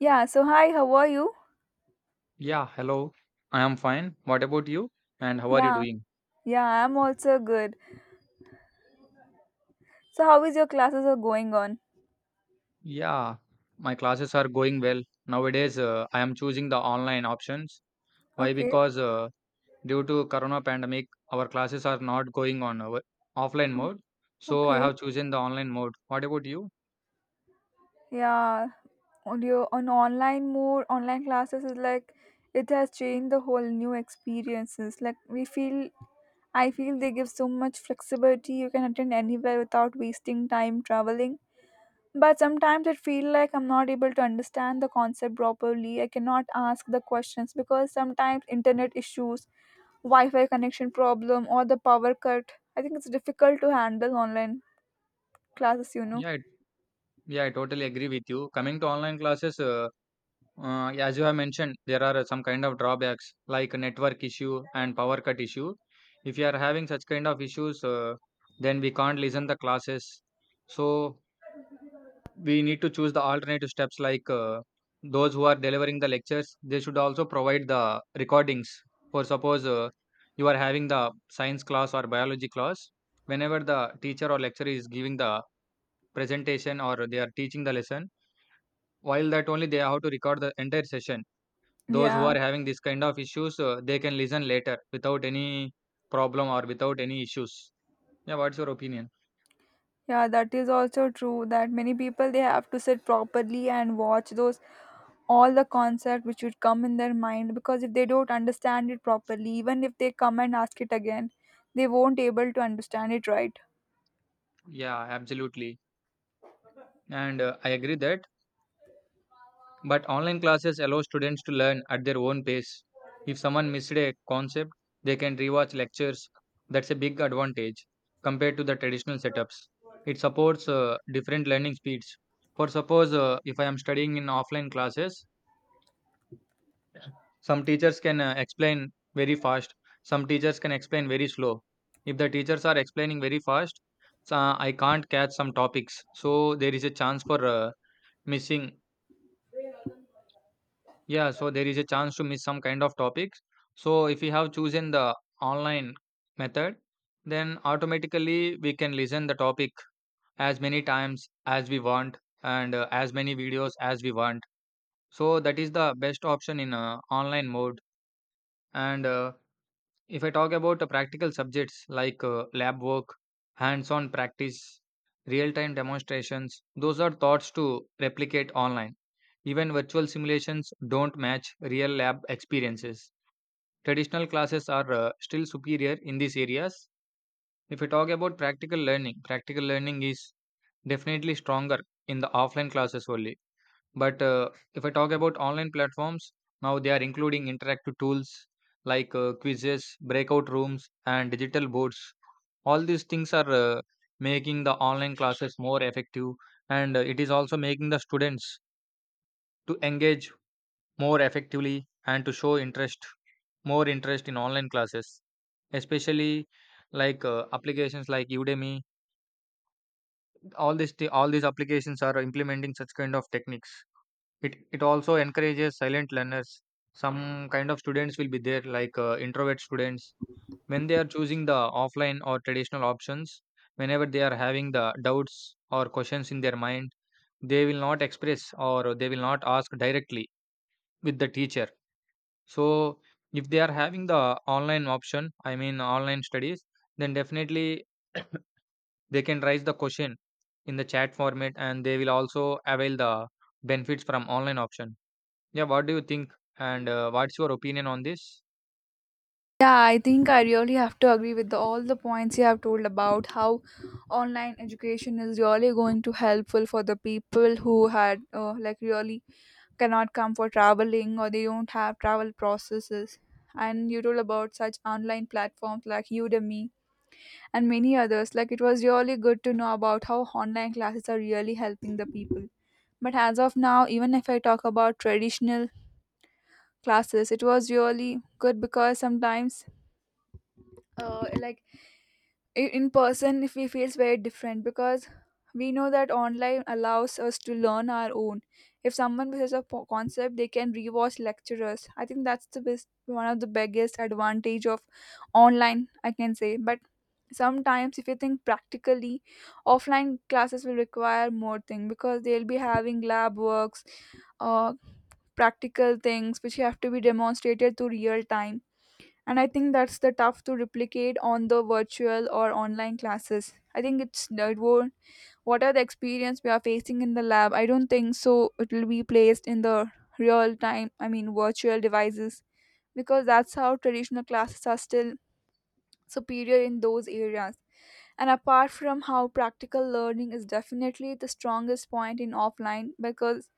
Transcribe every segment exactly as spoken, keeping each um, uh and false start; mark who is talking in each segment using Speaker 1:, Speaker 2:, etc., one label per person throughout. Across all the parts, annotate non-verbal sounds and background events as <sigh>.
Speaker 1: Yeah, so hi, how are you?
Speaker 2: Yeah, hello. I am fine. What about you? And how are you
Speaker 1: Yeah,
Speaker 2: doing?
Speaker 1: yeah, I'm also good. So how is your classes are going on?
Speaker 2: Yeah, my classes are going well. Nowadays, uh, I am choosing the online options. Why?
Speaker 1: Okay.
Speaker 2: Because uh, Due to corona pandemic, our classes are not going on our offline
Speaker 1: Mm.
Speaker 2: mode. So I
Speaker 1: Okay.
Speaker 2: have chosen the online mode. What about you?
Speaker 1: Yeah, on your on online mode, online classes is like it has changed the whole new experiences. Like we feel I feel they give so much flexibility. You can attend anywhere without wasting time traveling. But sometimes it feel like I'm not able to understand the concept properly. I cannot ask the questions because sometimes internet issues, Wi-Fi connection problem, or the power cut. I think it's difficult to handle online classes. You know.
Speaker 2: Yeah, it, yeah, I totally agree with you. Coming to online classes, uh, Uh, yeah, as you have mentioned, there are uh, some kind of drawbacks like a network issue and power cut issue. If you are having such kind of issues, uh, then we can't listen the classes. So we need to choose the alternative steps like uh, those who are delivering the lectures, they should also provide the recordings. For suppose uh, you are having the science class or biology class, whenever the teacher or lecturer is giving the presentation or they are teaching the lesson, while that only they have to record the entire session. Those who
Speaker 1: Yeah,
Speaker 2: are having this kind of issues uh, they can listen later without any problem or without any issues. Yeah, what's your opinion?
Speaker 1: yeah, that is also true that many people they have to sit properly and watch those all the concept which would come in their mind because if they don't understand it properly, even if they come and ask it again, they won't able to understand it, right.
Speaker 2: Yeah, absolutely. And uh, I agree that, but online classes allow students to learn at their own pace. If someone missed a concept, they can rewatch lectures. That's a big advantage compared to the traditional setups. It supports uh, different learning speeds. For suppose, uh, if I am studying in offline classes, some teachers can uh, explain very fast, some teachers can explain very slow. If the teachers are explaining very fast, so uh, I can't catch some topics. So there is a chance for uh, missing. Yeah, so there is a chance to miss some kind of topics. So if we have chosen the online method, then automatically we can listen the topic as many times as we want and uh, as many videos as we want. So that is the best option in uh, online mode. And uh, if I talk about uh, practical subjects like uh, lab work, hands on practice, real time demonstrations, those are thoughts to replicate online. Even virtual simulations don't match real lab experiences. Traditional classes are uh, still superior in these areas. If we talk about practical learning, practical learning is definitely stronger in the offline classes only. But uh, if I talk about online platforms, now they are including interactive tools like uh, quizzes, breakout rooms, and digital boards. All these things are uh, making the online classes more effective, and uh, it is also making the students to engage more effectively and to show interest, more interest in online classes, especially like uh, applications like Udemy. All these thi- all these applications are implementing such kind of techniques. It it also encourages silent learners. Some kind of students will be there, like uh, introvert students. When they are choosing the offline or traditional options, whenever they are having the doubts or questions in their mind, they will not express or they will not ask directly with the teacher. So if they are having the online option, I mean online studies, then definitely they can raise the question in the chat format and they will also avail the benefits from online option. Yeah, what do you think? And uh, what's your opinion on this?
Speaker 1: Yeah, I think I really have to agree with the, all the points you have told about how online education is really going to helpful for the people who had uh, like really cannot come for traveling or they don't have travel processes. And you told about such online platforms like Udemy and many others. Like it was really good to know about how online classes are really helping the people. But as of now, even if I talk about traditional classes, it was really good because sometimes, uh, like i- in person if we feels very different because we know that online allows us to learn our own. If someone misses a po- concept they can rewatch lecturers. I think that's the best, one of the biggest advantage of online, I can say. But sometimes if you think practically, offline classes will require more thing because they'll be having lab works, uh, practical things which have to be demonstrated to real time. And I think that's the tough to replicate on the virtual or online classes. I think it's uh, it won't, what are the experience we are facing in the lab, I don't think so it will be placed in the real time, I mean virtual devices, because that's how traditional classes are still superior in those areas. And apart from how practical learning is definitely the strongest point in offline because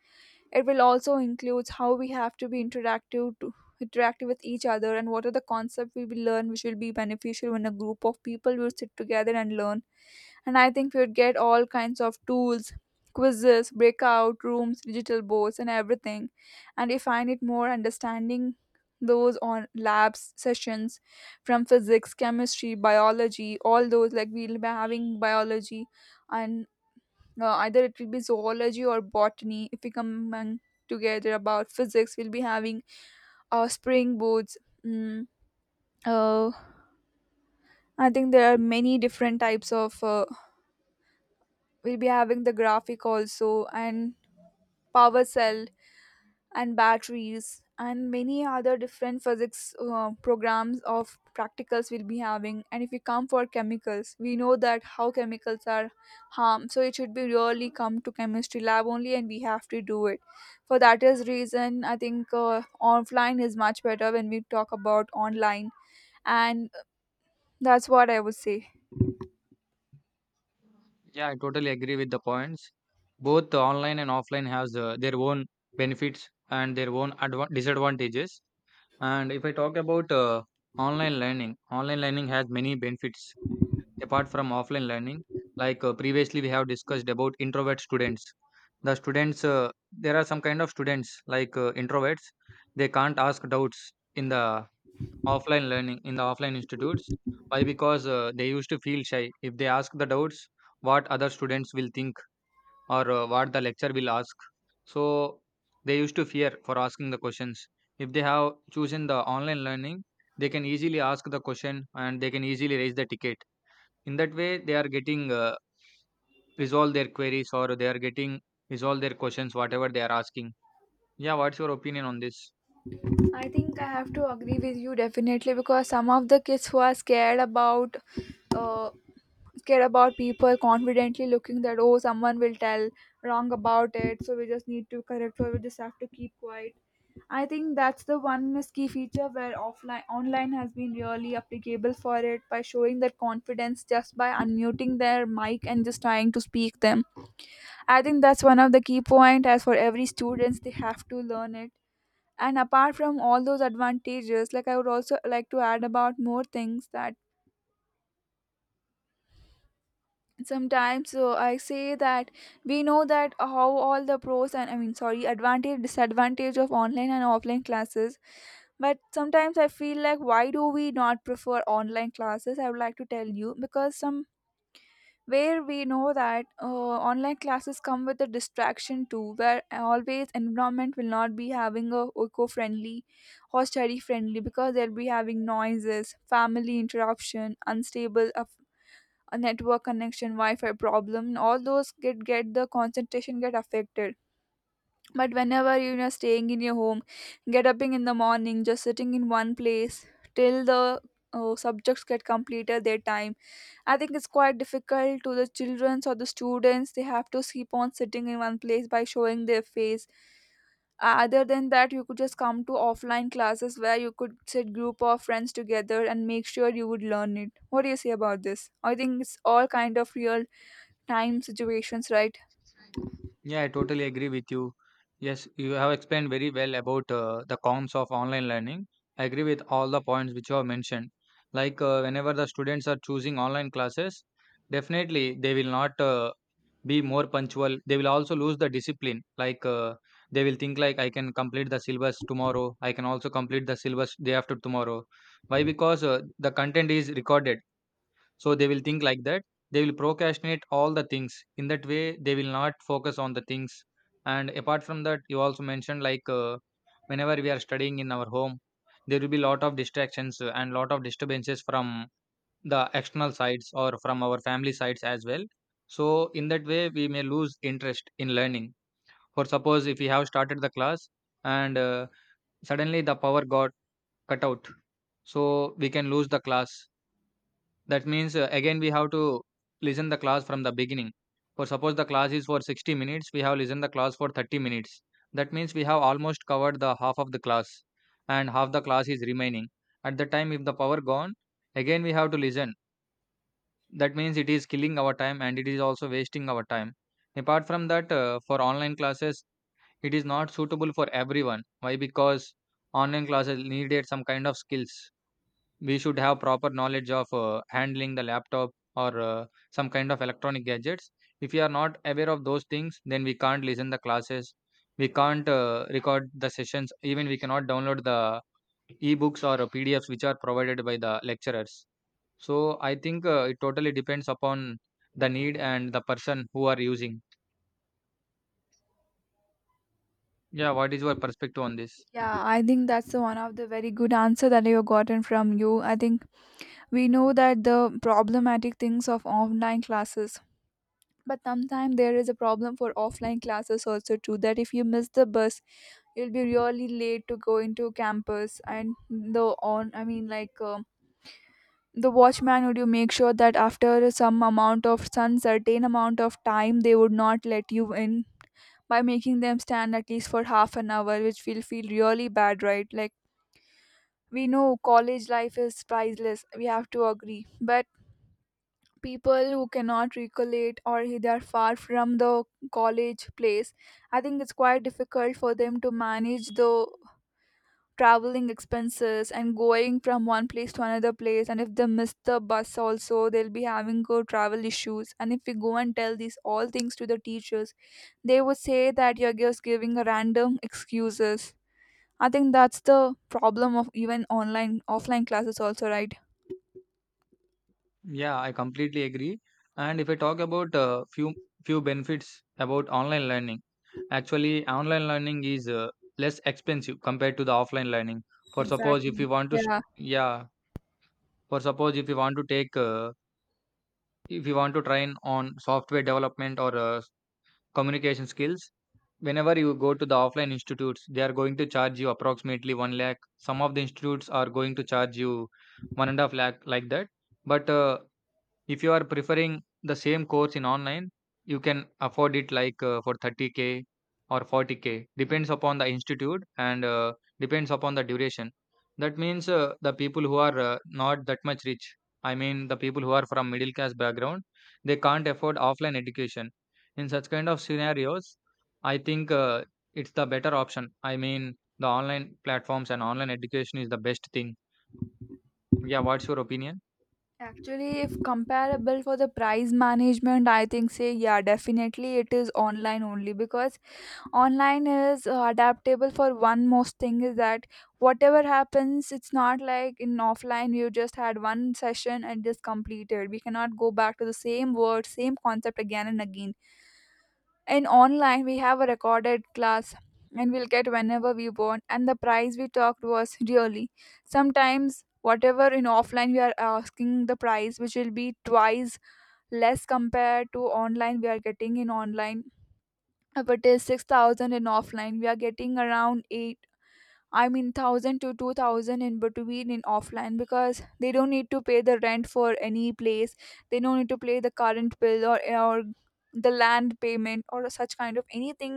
Speaker 1: it will also include how we have to be interactive to interactive with each other and what are the concepts we will learn which will be beneficial when a group of people will sit together and learn. And I think we'd get all kinds of tools, quizzes, breakout rooms, digital boards, and everything. And if I need more understanding, those on labs sessions from physics, chemistry, biology, all those, like we'll be having biology and uh, either it will be zoology or botany. If we come and together about physics, we'll be having uh, spring boards, mm, uh, I think there are many different types of uh, we'll be having the graphic also, and power cell and batteries and many other different physics uh, programs of practicals we'll be having. And if you come for chemicals, we know that how chemicals are harm, so it should be really come to chemistry lab only and we have to do it. For that is reason, I think uh, offline is much better when we talk about online. And that's what I would say.
Speaker 2: Yeah, I totally agree with the points. Both the online and offline has uh, their own benefits and their own adva- disadvantages. And if I talk about uh, online learning, online learning has many benefits apart from offline learning. Like uh, previously, we have discussed about introvert students. The students, uh, there are some kind of students like uh, introverts. They can't ask doubts in the offline learning, in the offline institutes. Why? Because uh, they used to feel shy. If they ask the doubts, what other students will think or uh, what the lecture will ask. So they used to fear for asking the questions. If they have chosen the online learning, they can easily ask the question and they can easily raise the ticket. In that way, they are getting uh, resolve their queries or they are getting resolve their questions, whatever they are asking. Yeah, what's your opinion on this?
Speaker 1: I think I have to agree with you definitely because some of the kids who are scared about uh, scared about people confidently looking that, oh, someone will tell wrong about it, so we just need to correct or we just have to keep quiet. I think that's the one key feature where offline online has been really applicable for it, by showing that confidence just by unmuting their mic and just trying to speak them. I think that's one of the key point as for every students they have to learn it. And apart from all those advantages, like I would also like to add about more things, that sometimes, so I say that we know that how all the pros and, I mean sorry, advantage disadvantage of online and offline classes. But sometimes I feel like, why do we not prefer online classes? I would like to tell you, because some where we know that uh, online classes come with a distraction too, where always environment will not be having a eco-friendly or study friendly, because they'll be having noises, family interruption, unstable a network connection, Wi-Fi problem, all those get get the concentration get affected. But whenever you are staying in your home, get up in the morning, just sitting in one place till the uh, subjects get completed their time, I think it's quite difficult to the childrens or the students. They have to keep on sitting in one place by showing their face. Uh, other than that, you could just come to offline classes where you could sit group of friends together and make sure you would learn it. What do you say about this? I think it's all kind of real time situations, right?
Speaker 2: Yeah, I totally agree with you. Yes, you have explained very well about uh, the cons of online learning. I agree with all the points which you have mentioned. Like uh, whenever the students are choosing online classes, definitely they will not uh, be more punctual. They will also lose the discipline. Like uh, they will think like I can complete the syllabus tomorrow. I can also complete the syllabus day after tomorrow. Why? Because uh, the content is recorded, so they will think like that. They will procrastinate all the things. In that way, they will not focus on the things. And apart from that, you also mentioned like uh, whenever we are studying in our home, there will be lot of distractions uh, and lot of disturbances from the external sides or from our family sides as well. So in that way, we may lose interest in learning. For suppose, if we have started the class and uh, suddenly the power got cut out, so we can lose the class. That means uh, again we have to listen the class from the beginning. For suppose the class is for sixty minutes, we have listened the class for thirty minutes. That means we have almost covered the half of the class and half the class is remaining. At the time if the power gone, again we have to listen. That means it is killing our time and it is also wasting our time. Apart from that, uh, for online classes, it is not suitable for everyone. Why? Because online classes needed some kind of skills. We should have proper knowledge of uh, handling the laptop or uh, some kind of electronic gadgets. If we are not aware of those things, then we can't listen the classes. We can't uh, record the sessions. Even we cannot download the ebooks or pdfs which are provided by the lecturers. So I think uh, it totally depends upon the need and the person who are using. Yeah, what is your perspective on this?
Speaker 1: Yeah, I think that's the one of the very good answer that I've gotten from you. I think we know that the problematic things of online classes, but sometimes there is a problem for offline classes also too, that if you miss the bus, you'll be really late to go into campus, and the, on I mean like um the watchman would you make sure that after some amount of, some certain amount of time, they would not let you in, by making them stand at least for half an hour, which will feel really bad, right? Like, we know college life is priceless, we have to agree. But people who cannot recollect or they are far from the college place, I think it's quite difficult for them to manage the traveling expenses and going from one place to another place. And if they miss the bus also, they'll be having go travel issues. And if we go and tell these all things to the teachers, they would say that you're just giving a random excuses. I think that's the problem of even online offline classes also, right?
Speaker 2: Yeah, I completely agree. And if I talk about uh, few few benefits about online learning, actually online learning is uh, less expensive compared to the offline learning. For suppose if
Speaker 1: Exactly.
Speaker 2: you want to, sh-
Speaker 1: Yeah.
Speaker 2: yeah, for suppose if you want to take, uh, if you want to train on software development or uh, communication skills, whenever you go to the offline institutes, they are going to charge you approximately one lakh. Some of the institutes are going to charge you one and a half lakh like that. But uh, if you are preferring the same course in online, you can afford it like uh, for thirty k or forty k, depends upon the institute and uh, depends upon the duration. That means uh, the people who are uh, not that much rich, I mean the people who are from middle class background, they can't afford offline education. In such kind of scenarios, I think uh, it's the better option. I mean the online platforms and online education is the best thing. Yeah, what's your opinion?
Speaker 1: Actually, if comparable for the price management, I think, say, yeah, definitely it is online only, because online is uh, adaptable for one. Most thing is that whatever happens, it's not like in offline you just had one session and just completed. We cannot go back to the same word, same concept again and again. In online we have a recorded class and we'll get whenever we want. And the price we talked was really, sometimes whatever in offline we are asking the price, which will be twice less compared to online. We are getting in online if it is six thousand, in offline we are getting around, I mean, one thousand to two thousand in between in offline, because they don't need to pay the rent for any place. They don't need to pay the current bill, or or the land payment or such kind of anything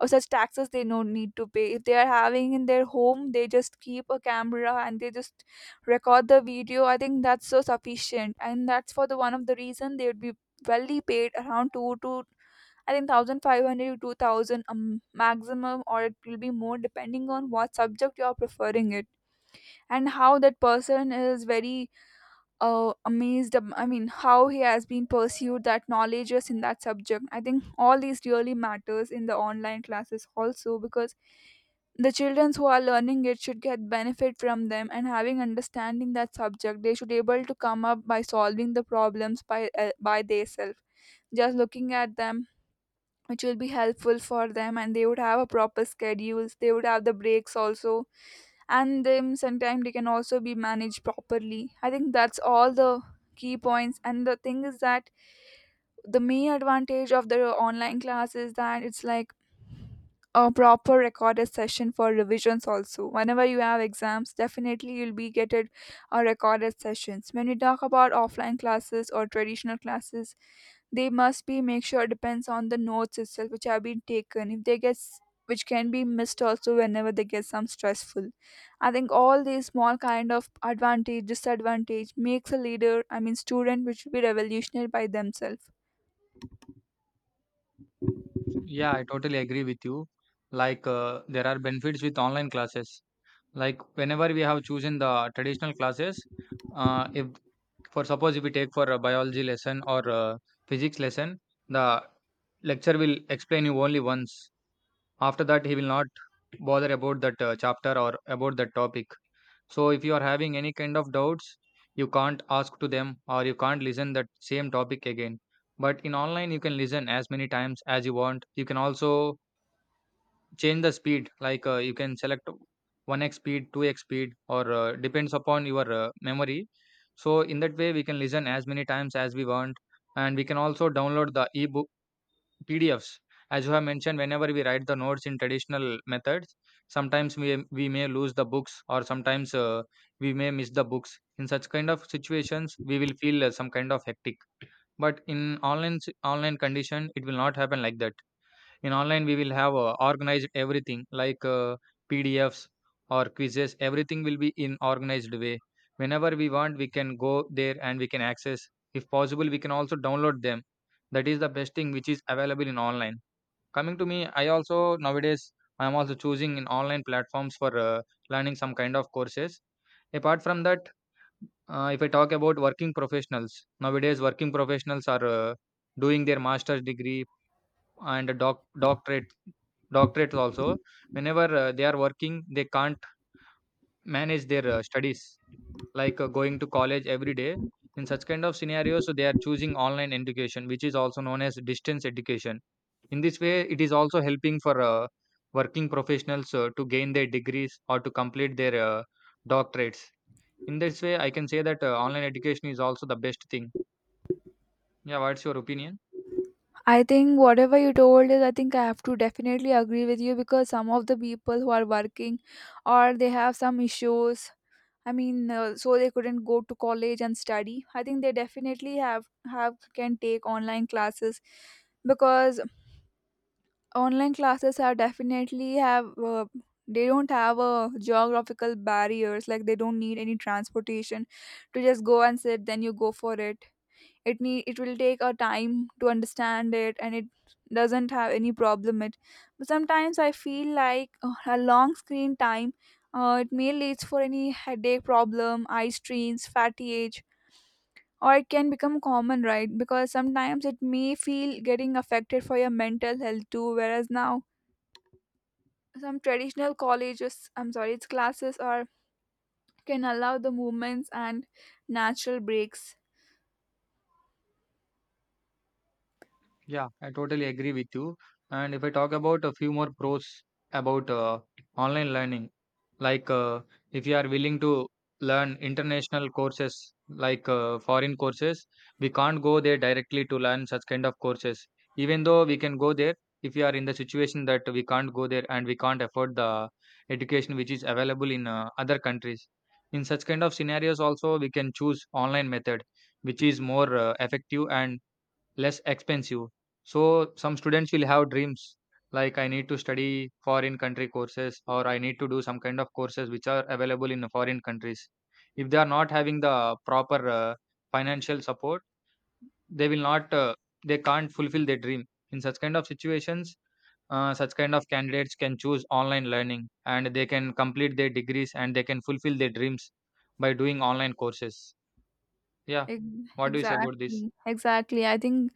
Speaker 1: or such taxes, they don't need to pay. If they are having in their home, they just keep a camera and they just record the video. I think that's so sufficient, and that's for the one of the reason they would be well paid around two to, I think, one thousand five hundred to two thousand, um, maximum, or it will be more depending on what subject you are preferring it and how that person is very uh, amazed. ab- I mean, how he has been pursued that knowledge is in that subject. I think all these really matters in the online classes also, because the children who are learning it should get benefit from them and having understanding that subject, they should able to come up by solving the problems by uh, by themselves, just looking at them, which will be helpful for them. And they would have a proper schedules, they would have the breaks also, and then sometimes they can also be managed properly. I think that's all the key points. And the thing is that the main advantage of the online class is that it's like a proper recorded session for revisions also. Whenever you have exams, definitely you'll be getting a recorded sessions. When we talk about offline classes or traditional classes, they must be make sure depends on the notes itself which have been taken. If they get s- which can be missed also whenever they get some stressful. I think all these small kind of advantage disadvantage makes a leader, I mean student, which will be revolutionary by themselves.
Speaker 2: Yeah, I totally agree with you. Like, uh, there are benefits with online classes. Like, whenever we have chosen the traditional classes, uh, if for suppose if we take for a biology lesson or a physics lesson, the lecture will explain you only once. After that, he will not bother about that uh, chapter or about that topic. So, if you are having any kind of doubts, you can't ask to them or you can't listen that same topic again. But in online, you can listen as many times as you want. You can also change the speed, like uh, you can select one x speed, two x speed, or uh, depends upon your uh, memory. So in that way, we can listen as many times as we want, and we can also download the ebook pdfs. As you have mentioned, whenever we write the notes in traditional methods, sometimes we we may lose the books, or sometimes uh, we may miss the books. In such kind of situations, we will feel uh, some kind of hectic. But in online, s- online condition, it will not happen like that. In online, we will have uh, organized everything, like uh, pdfs or quizzes. Everything will be in organized way. Whenever we want, we can go there and we can access. If possible, we can also download them. That is the best thing which is available in online. Coming to me, I also nowadays, I am also choosing in online platforms for uh, learning some kind of courses. Apart from that, uh, if I talk about working professionals, nowadays working professionals are uh, doing their master's degree and doc doctorate, doctorates also. Whenever uh, they are working, they can't manage their uh, studies, like uh, going to college every day. In such kind of scenarios, so they are choosing online education, which is also known as distance education. In this way, it is also helping for uh, working professionals uh, to gain their degrees or to complete their uh, doctorates. In this way, I can say that uh, online education is also the best thing. Yeah, what's your opinion?
Speaker 1: I think whatever you told is, I think I have to definitely agree with you because some of the people who are working or they have some issues, I mean, uh, so they couldn't go to college and study. I think they definitely have have can take online classes because online classes are definitely have uh, they don't have a geographical barriers, like they don't need any transportation to just go and sit then you go for it. It need it will take a time to understand it, and it doesn't have any problem it. But sometimes I feel like uh, a long screen time uh, it may leads for any headache problem, eye strains, fatigue, or it can become common, right? Because sometimes it may feel getting affected for your mental health too, whereas now some traditional colleges, I'm sorry, it's classes, or can allow the movements and natural breaks.
Speaker 2: Yeah, I totally agree with you. And if I talk about a few more pros about uh, online learning, like uh, if you are willing to learn international courses, like uh, foreign courses, we can't go there directly to learn such kind of courses. Even though we can go there, if we are in the situation that we can't go there and we can't afford the education which is available in uh, other countries. In such kind of scenarios, also we can choose online method, which is more uh, effective and less expensive. So some students will have dreams like, I need to study foreign country courses, or I need to do some kind of courses which are available in foreign countries. If they are not having the proper uh, financial support, they will not uh, they can't fulfill their dream. In such kind of situations, uh, such kind of candidates can choose online learning, and they can complete their degrees and they can fulfill their dreams by doing online courses. Yeah.
Speaker 1: Ex-
Speaker 2: What do you say about this?
Speaker 1: exactly exactly I think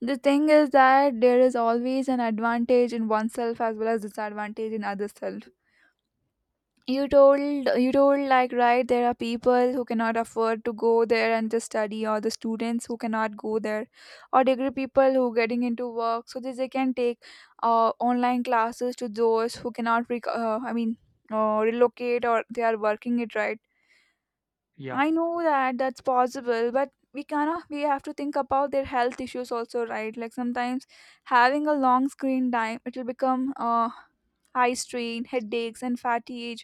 Speaker 1: the thing is that there is always an advantage in oneself as well as disadvantage in other self. You told you told like right there are people who cannot afford to go there and just study, or the students who cannot go there, or degree people who getting into work so that they can take uh, online classes, to those who cannot rec- uh, I mean uh, relocate, or they are working it, right?
Speaker 2: Yeah.
Speaker 1: I know that that's possible, but we cannot. We have to think about their health issues also, right? Like sometimes having a long screen time, it will become uh, eye strain, headaches, and fatigue,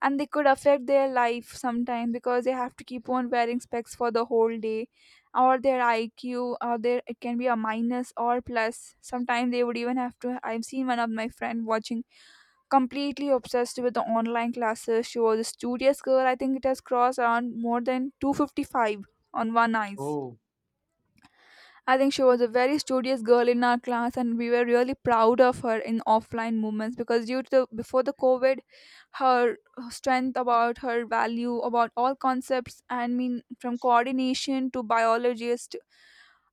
Speaker 1: and they could affect their life sometime because they have to keep on wearing specs for the whole day, or their I Q, or their it can be a minus or plus. Sometimes they would even have to. I've seen one of my friend watching, completely obsessed with the online classes. She was a studious girl. I think it has crossed around more than two fifty-five on one eyes.
Speaker 2: Oh.
Speaker 1: I think she was a very studious girl in our class, and we were really proud of her in offline movements because due to the, before the COVID, her strength about her value about all concepts and mean from coordination to biologist,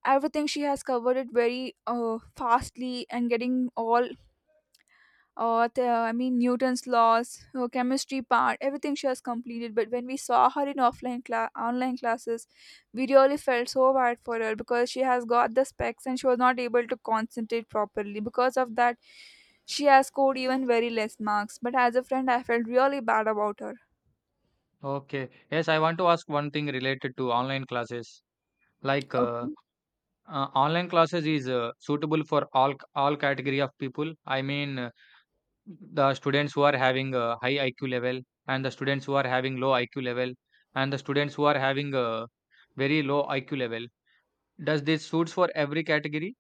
Speaker 1: everything she has covered it very uh, fastly and getting all or the, I mean Newton's laws, her chemistry part, everything she has completed. But when we saw her in offline class, online classes, we really felt so bad for her because she has got the specs and she was not able to concentrate properly. Because of that, she has scored even very less marks. But as a friend, I felt really bad about her.
Speaker 2: Okay. Yes, I want to ask one thing related to online classes. Like uh,
Speaker 1: Okay.
Speaker 2: uh, online classes is uh, suitable for all c- all category of people. I mean, uh, the students who are having a high I Q level, and the students who are having low I Q level, and the students who are having a very low I Q level. Does this suits for every category?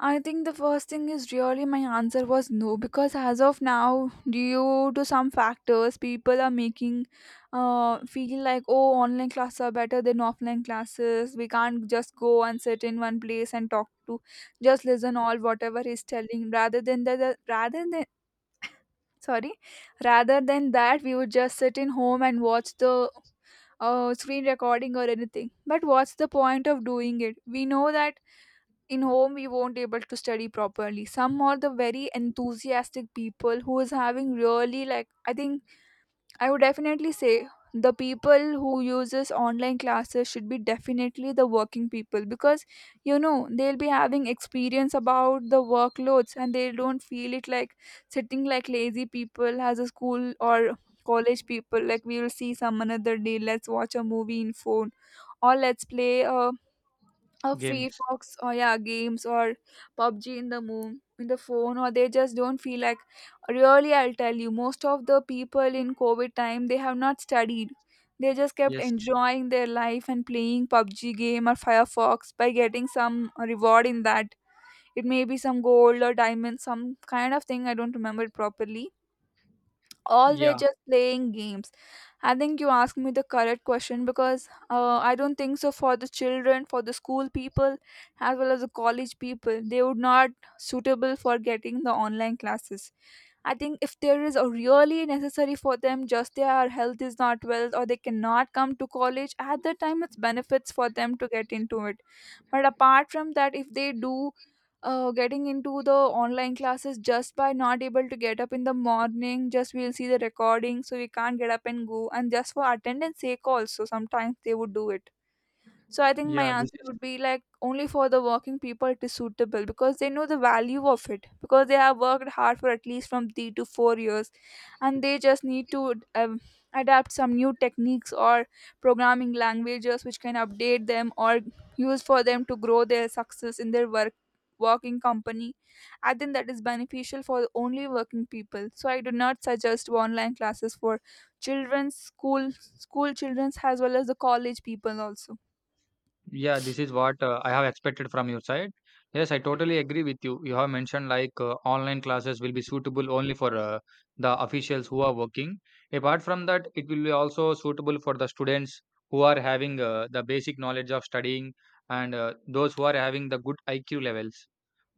Speaker 1: I think the first thing is really my answer was no because as of now, due to some factors, people are making uh, feel like, oh, online classes are better than offline classes. We can't just go and sit in one place and talk to just listen all whatever he's telling, rather than the, the rather than, sorry, rather than that we would just sit in home and watch the uh, screen recording or anything. But what's the point of doing it? We know that in home we won't able to study properly. Some are the very enthusiastic people who is having really, like, I think I would definitely say the people who uses online classes should be definitely the working people because, you know, they'll be having experience about the workloads and they don't feel it like sitting like lazy people as a school or college people. Like we will see some another day, let's watch a movie in phone, or let's play a, or Free
Speaker 2: Games.
Speaker 1: Fox, or yeah, games, or PUBG in the moon in the phone, or they just don't feel like, really, I'll tell you, most of the people in COVID time they have not studied. They just kept
Speaker 2: Yes.
Speaker 1: enjoying their life and playing PUBG game or Firefox by getting some reward in that. It may be some gold or diamond, some kind of thing, I don't remember it properly, always
Speaker 2: Yeah.
Speaker 1: just playing games. I think you asked me the correct question because uh, I don't think so for the children, for the school people, as well as the college people, they would not suitable for getting the online classes. I think if there is a really necessary for them, just their health is not well or they cannot come to college, at that time it's benefits for them to get into it. But apart from that, if they do uh, getting into the online classes just by not able to get up in the morning, just we'll see the recording so we can't get up and go and just for attendance sake also sometimes they would do it. So I think my
Speaker 2: Yeah. This
Speaker 1: answer
Speaker 2: is.
Speaker 1: would be like, only for the working people it is suitable because they know the value of it, because they have worked hard for at least from three to four years, and they just need to um, adapt some new techniques or programming languages which can update them or use for them to grow their success in their work, working company. I think that is beneficial for only working people, so I do not suggest online classes for children's school, school children's as well as the college people also.
Speaker 2: Yeah, this is what uh, I have expected from your side. Yes, I totally agree with you. You have mentioned like uh, online classes will be suitable only for uh, the officials who are working. Apart from that, it will be also suitable for the students who are having uh, the basic knowledge of studying and uh, those who are having the good I Q levels.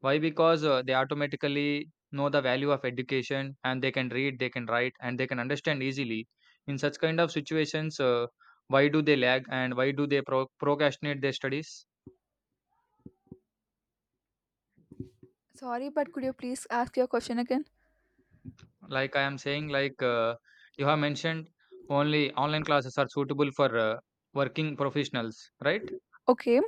Speaker 2: Why? Because uh, they automatically know the value of education, and they can read, they can write, and they can understand easily. In such kind of situations, uh, why do they lag and why do they pro- procrastinate their studies?
Speaker 1: Sorry, but could you please ask your question again?
Speaker 2: Like I am saying, like uh, you have mentioned only online classes are suitable for uh, working professionals, right?
Speaker 1: Okay,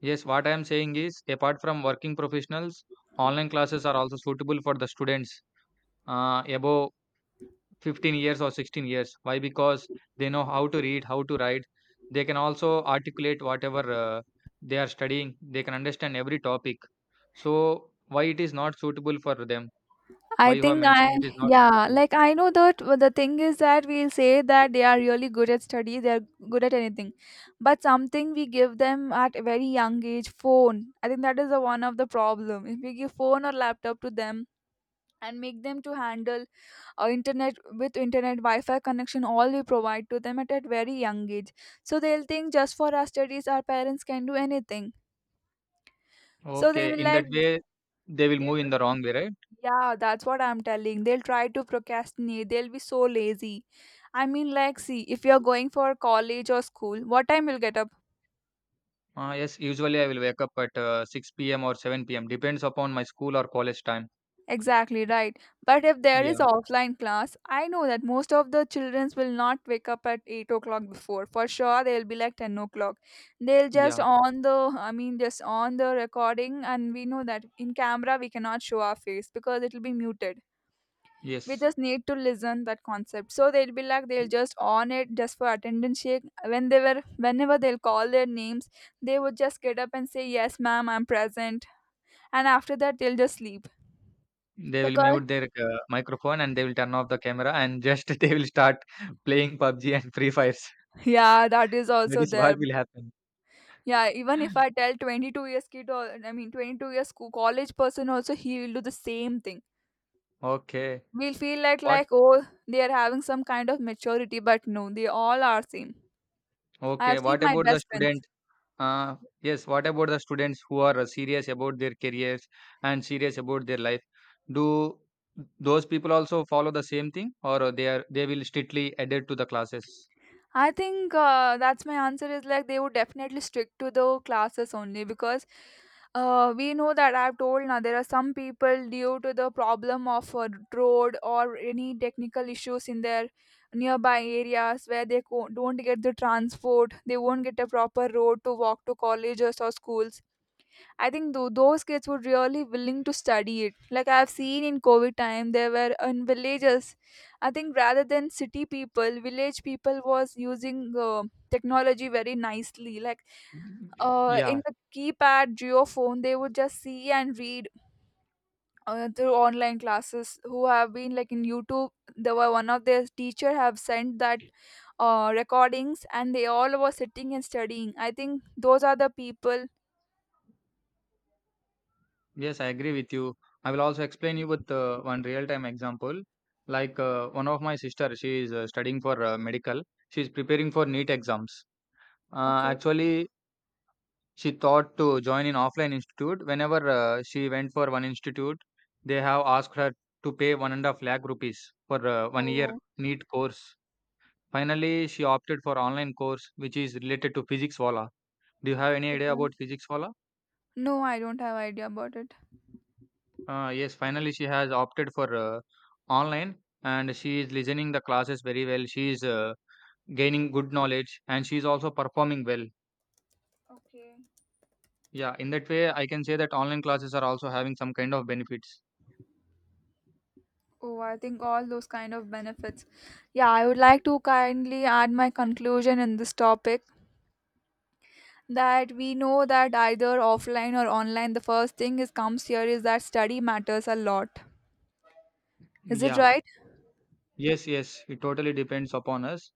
Speaker 2: Yes, what I am saying is, apart from working professionals, online classes are also suitable for the students uh, above fifteen years or sixteen years. Why? Because they know how to read, how to write. They can also articulate whatever uh, they are studying. They can understand every topic. So why it is not suitable for them? Why
Speaker 1: I
Speaker 2: you have
Speaker 1: think I,
Speaker 2: mentioned it is not
Speaker 1: yeah,
Speaker 2: suitable?
Speaker 1: like, I know that w- the thing is that we'll say that they are really good at study, they're good at anything, but something we give them at a very young age, phone. I think that is the one of the problem. If we give phone or laptop to them and make them to handle uh, internet with internet Wi-Fi connection, all we provide to them at a very young age, so they'll think just for our studies, our parents can do anything. So they
Speaker 2: Okay,
Speaker 1: will
Speaker 2: in that
Speaker 1: like
Speaker 2: way, they will
Speaker 1: they
Speaker 2: move in the wrong way, right?
Speaker 1: yeah, that's what I'm telling. They'll try to procrastinate. They'll be so lazy. I mean, like, see, if you're going for college or school, what time you'll get up?
Speaker 2: uh, yes, usually I will wake up at uh, six p m p.m or seven p m p.m, depends upon my school or college time.
Speaker 1: Exactly right. But if there is
Speaker 2: Yeah.
Speaker 1: offline class, I know that most of the childrens will not wake up at eight o'clock before. For sure, they'll be like ten o'clock. They'll just
Speaker 2: Yeah.
Speaker 1: on the, I mean, just on the recording, and we know that in camera we cannot show our face because it'll be muted. We
Speaker 2: Yes.
Speaker 1: just need to listen that concept, so they'll be like, they'll just on it just for attendance shake. when they were Whenever they'll call their names, they would just get up and say, yes ma'am, I'm present, and after that they'll just sleep
Speaker 2: They will
Speaker 1: because,
Speaker 2: mute their, uh, microphone and they will turn off the camera, and just <laughs> they will start playing PUBG and Free Fires.
Speaker 1: yeah, that
Speaker 2: <laughs>
Speaker 1: is
Speaker 2: That
Speaker 1: also
Speaker 2: is what
Speaker 1: there.
Speaker 2: will happen.
Speaker 1: Yeah, even if I tell twenty-two years kid, or I mean twenty-two years co- college person, also he will do the same thing.
Speaker 2: Okay.
Speaker 1: We'll feel like
Speaker 2: What?
Speaker 1: like oh, they are having some kind of maturity, but no, they all are same. I
Speaker 2: Okay.
Speaker 1: have seen
Speaker 2: What
Speaker 1: my
Speaker 2: about the
Speaker 1: best friends.
Speaker 2: student? Uh, yes. What about the students who are uh, serious about their careers and serious about their life? Do those people also follow the same thing, or uh, they are they will strictly adhere to the classes?
Speaker 1: I think uh, that's my answer is like, they would definitely stick to the classes only because uh, we know that I've told now there are some people due to the problem of uh, road or any technical issues in their nearby areas where they co- don't get the transport, they won't get a proper road to walk to colleges or schools. I think tho- those kids were really willing to study it. Like, I've seen in COVID time, there were in villages. I think rather than city people, village people was using uh, technology very nicely. Like uh,
Speaker 2: Yeah.
Speaker 1: in the keypad geophone, they would just see and read uh, through online classes. Who have been like in YouTube, there were one of their teacher have sent that uh, recordings, and they all were sitting and studying. I think those are the people.
Speaker 2: Yes, I agree with you. I will also explain you with uh, one real-time example. Like uh, one of my sister, she is uh, studying for uh, medical. She is preparing for NEET exams. Uh,
Speaker 1: Okay.
Speaker 2: actually, she thought to join in offline institute. Whenever uh, she went for one institute, they have asked her to pay one and a half lakh rupees for uh, one year
Speaker 1: Oh.
Speaker 2: NEET course. Finally, she opted for online course, which is related to physics wala. Do you have any idea about physics wala?
Speaker 1: No, I don't have idea about it.
Speaker 2: Uh, yes, finally she has opted for uh, online, and she is listening the classes very well. She is uh, gaining good knowledge and she is also performing well.
Speaker 1: Okay.
Speaker 2: Yeah, in that way, I can say that online classes are also having some kind of benefits.
Speaker 1: Oh, I think all those kind of benefits. Yeah, I would like to kindly add my conclusion in this topic that we know that either offline or online, the first thing is comes here is that study matters a lot. Is it
Speaker 2: Yeah,
Speaker 1: right?
Speaker 2: yes, yes, it totally depends upon us.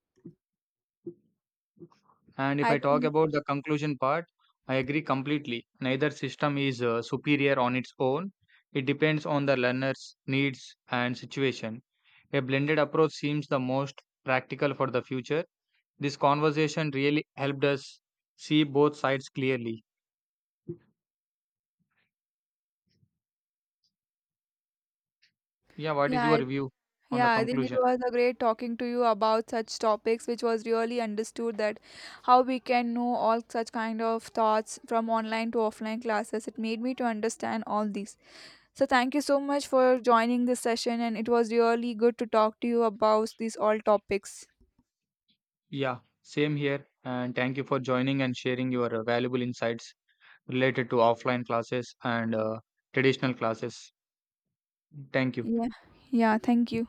Speaker 2: And if
Speaker 1: I
Speaker 2: I talk
Speaker 1: think,
Speaker 2: about the conclusion part, I agree completely. Neither system is uh, superior on its own. It depends on the learner's needs and situation. A blended approach seems the most practical for the future. This conversation really helped us see both sides clearly. Yeah, what is
Speaker 1: yeah, I,
Speaker 2: your view on the
Speaker 1: yeah, I think it
Speaker 2: conclusion?
Speaker 1: was a great talking to you about such topics, which was really understood that how we can know all such kind of thoughts from online to offline classes. It made me to understand all these. So, thank you so much for joining this session, and it was really good to talk to you about these all topics.
Speaker 2: Yeah, same here. And thank you for joining and sharing your uh, valuable insights related to offline classes and uh, traditional classes. Thank you.
Speaker 1: Yeah, yeah, thank you.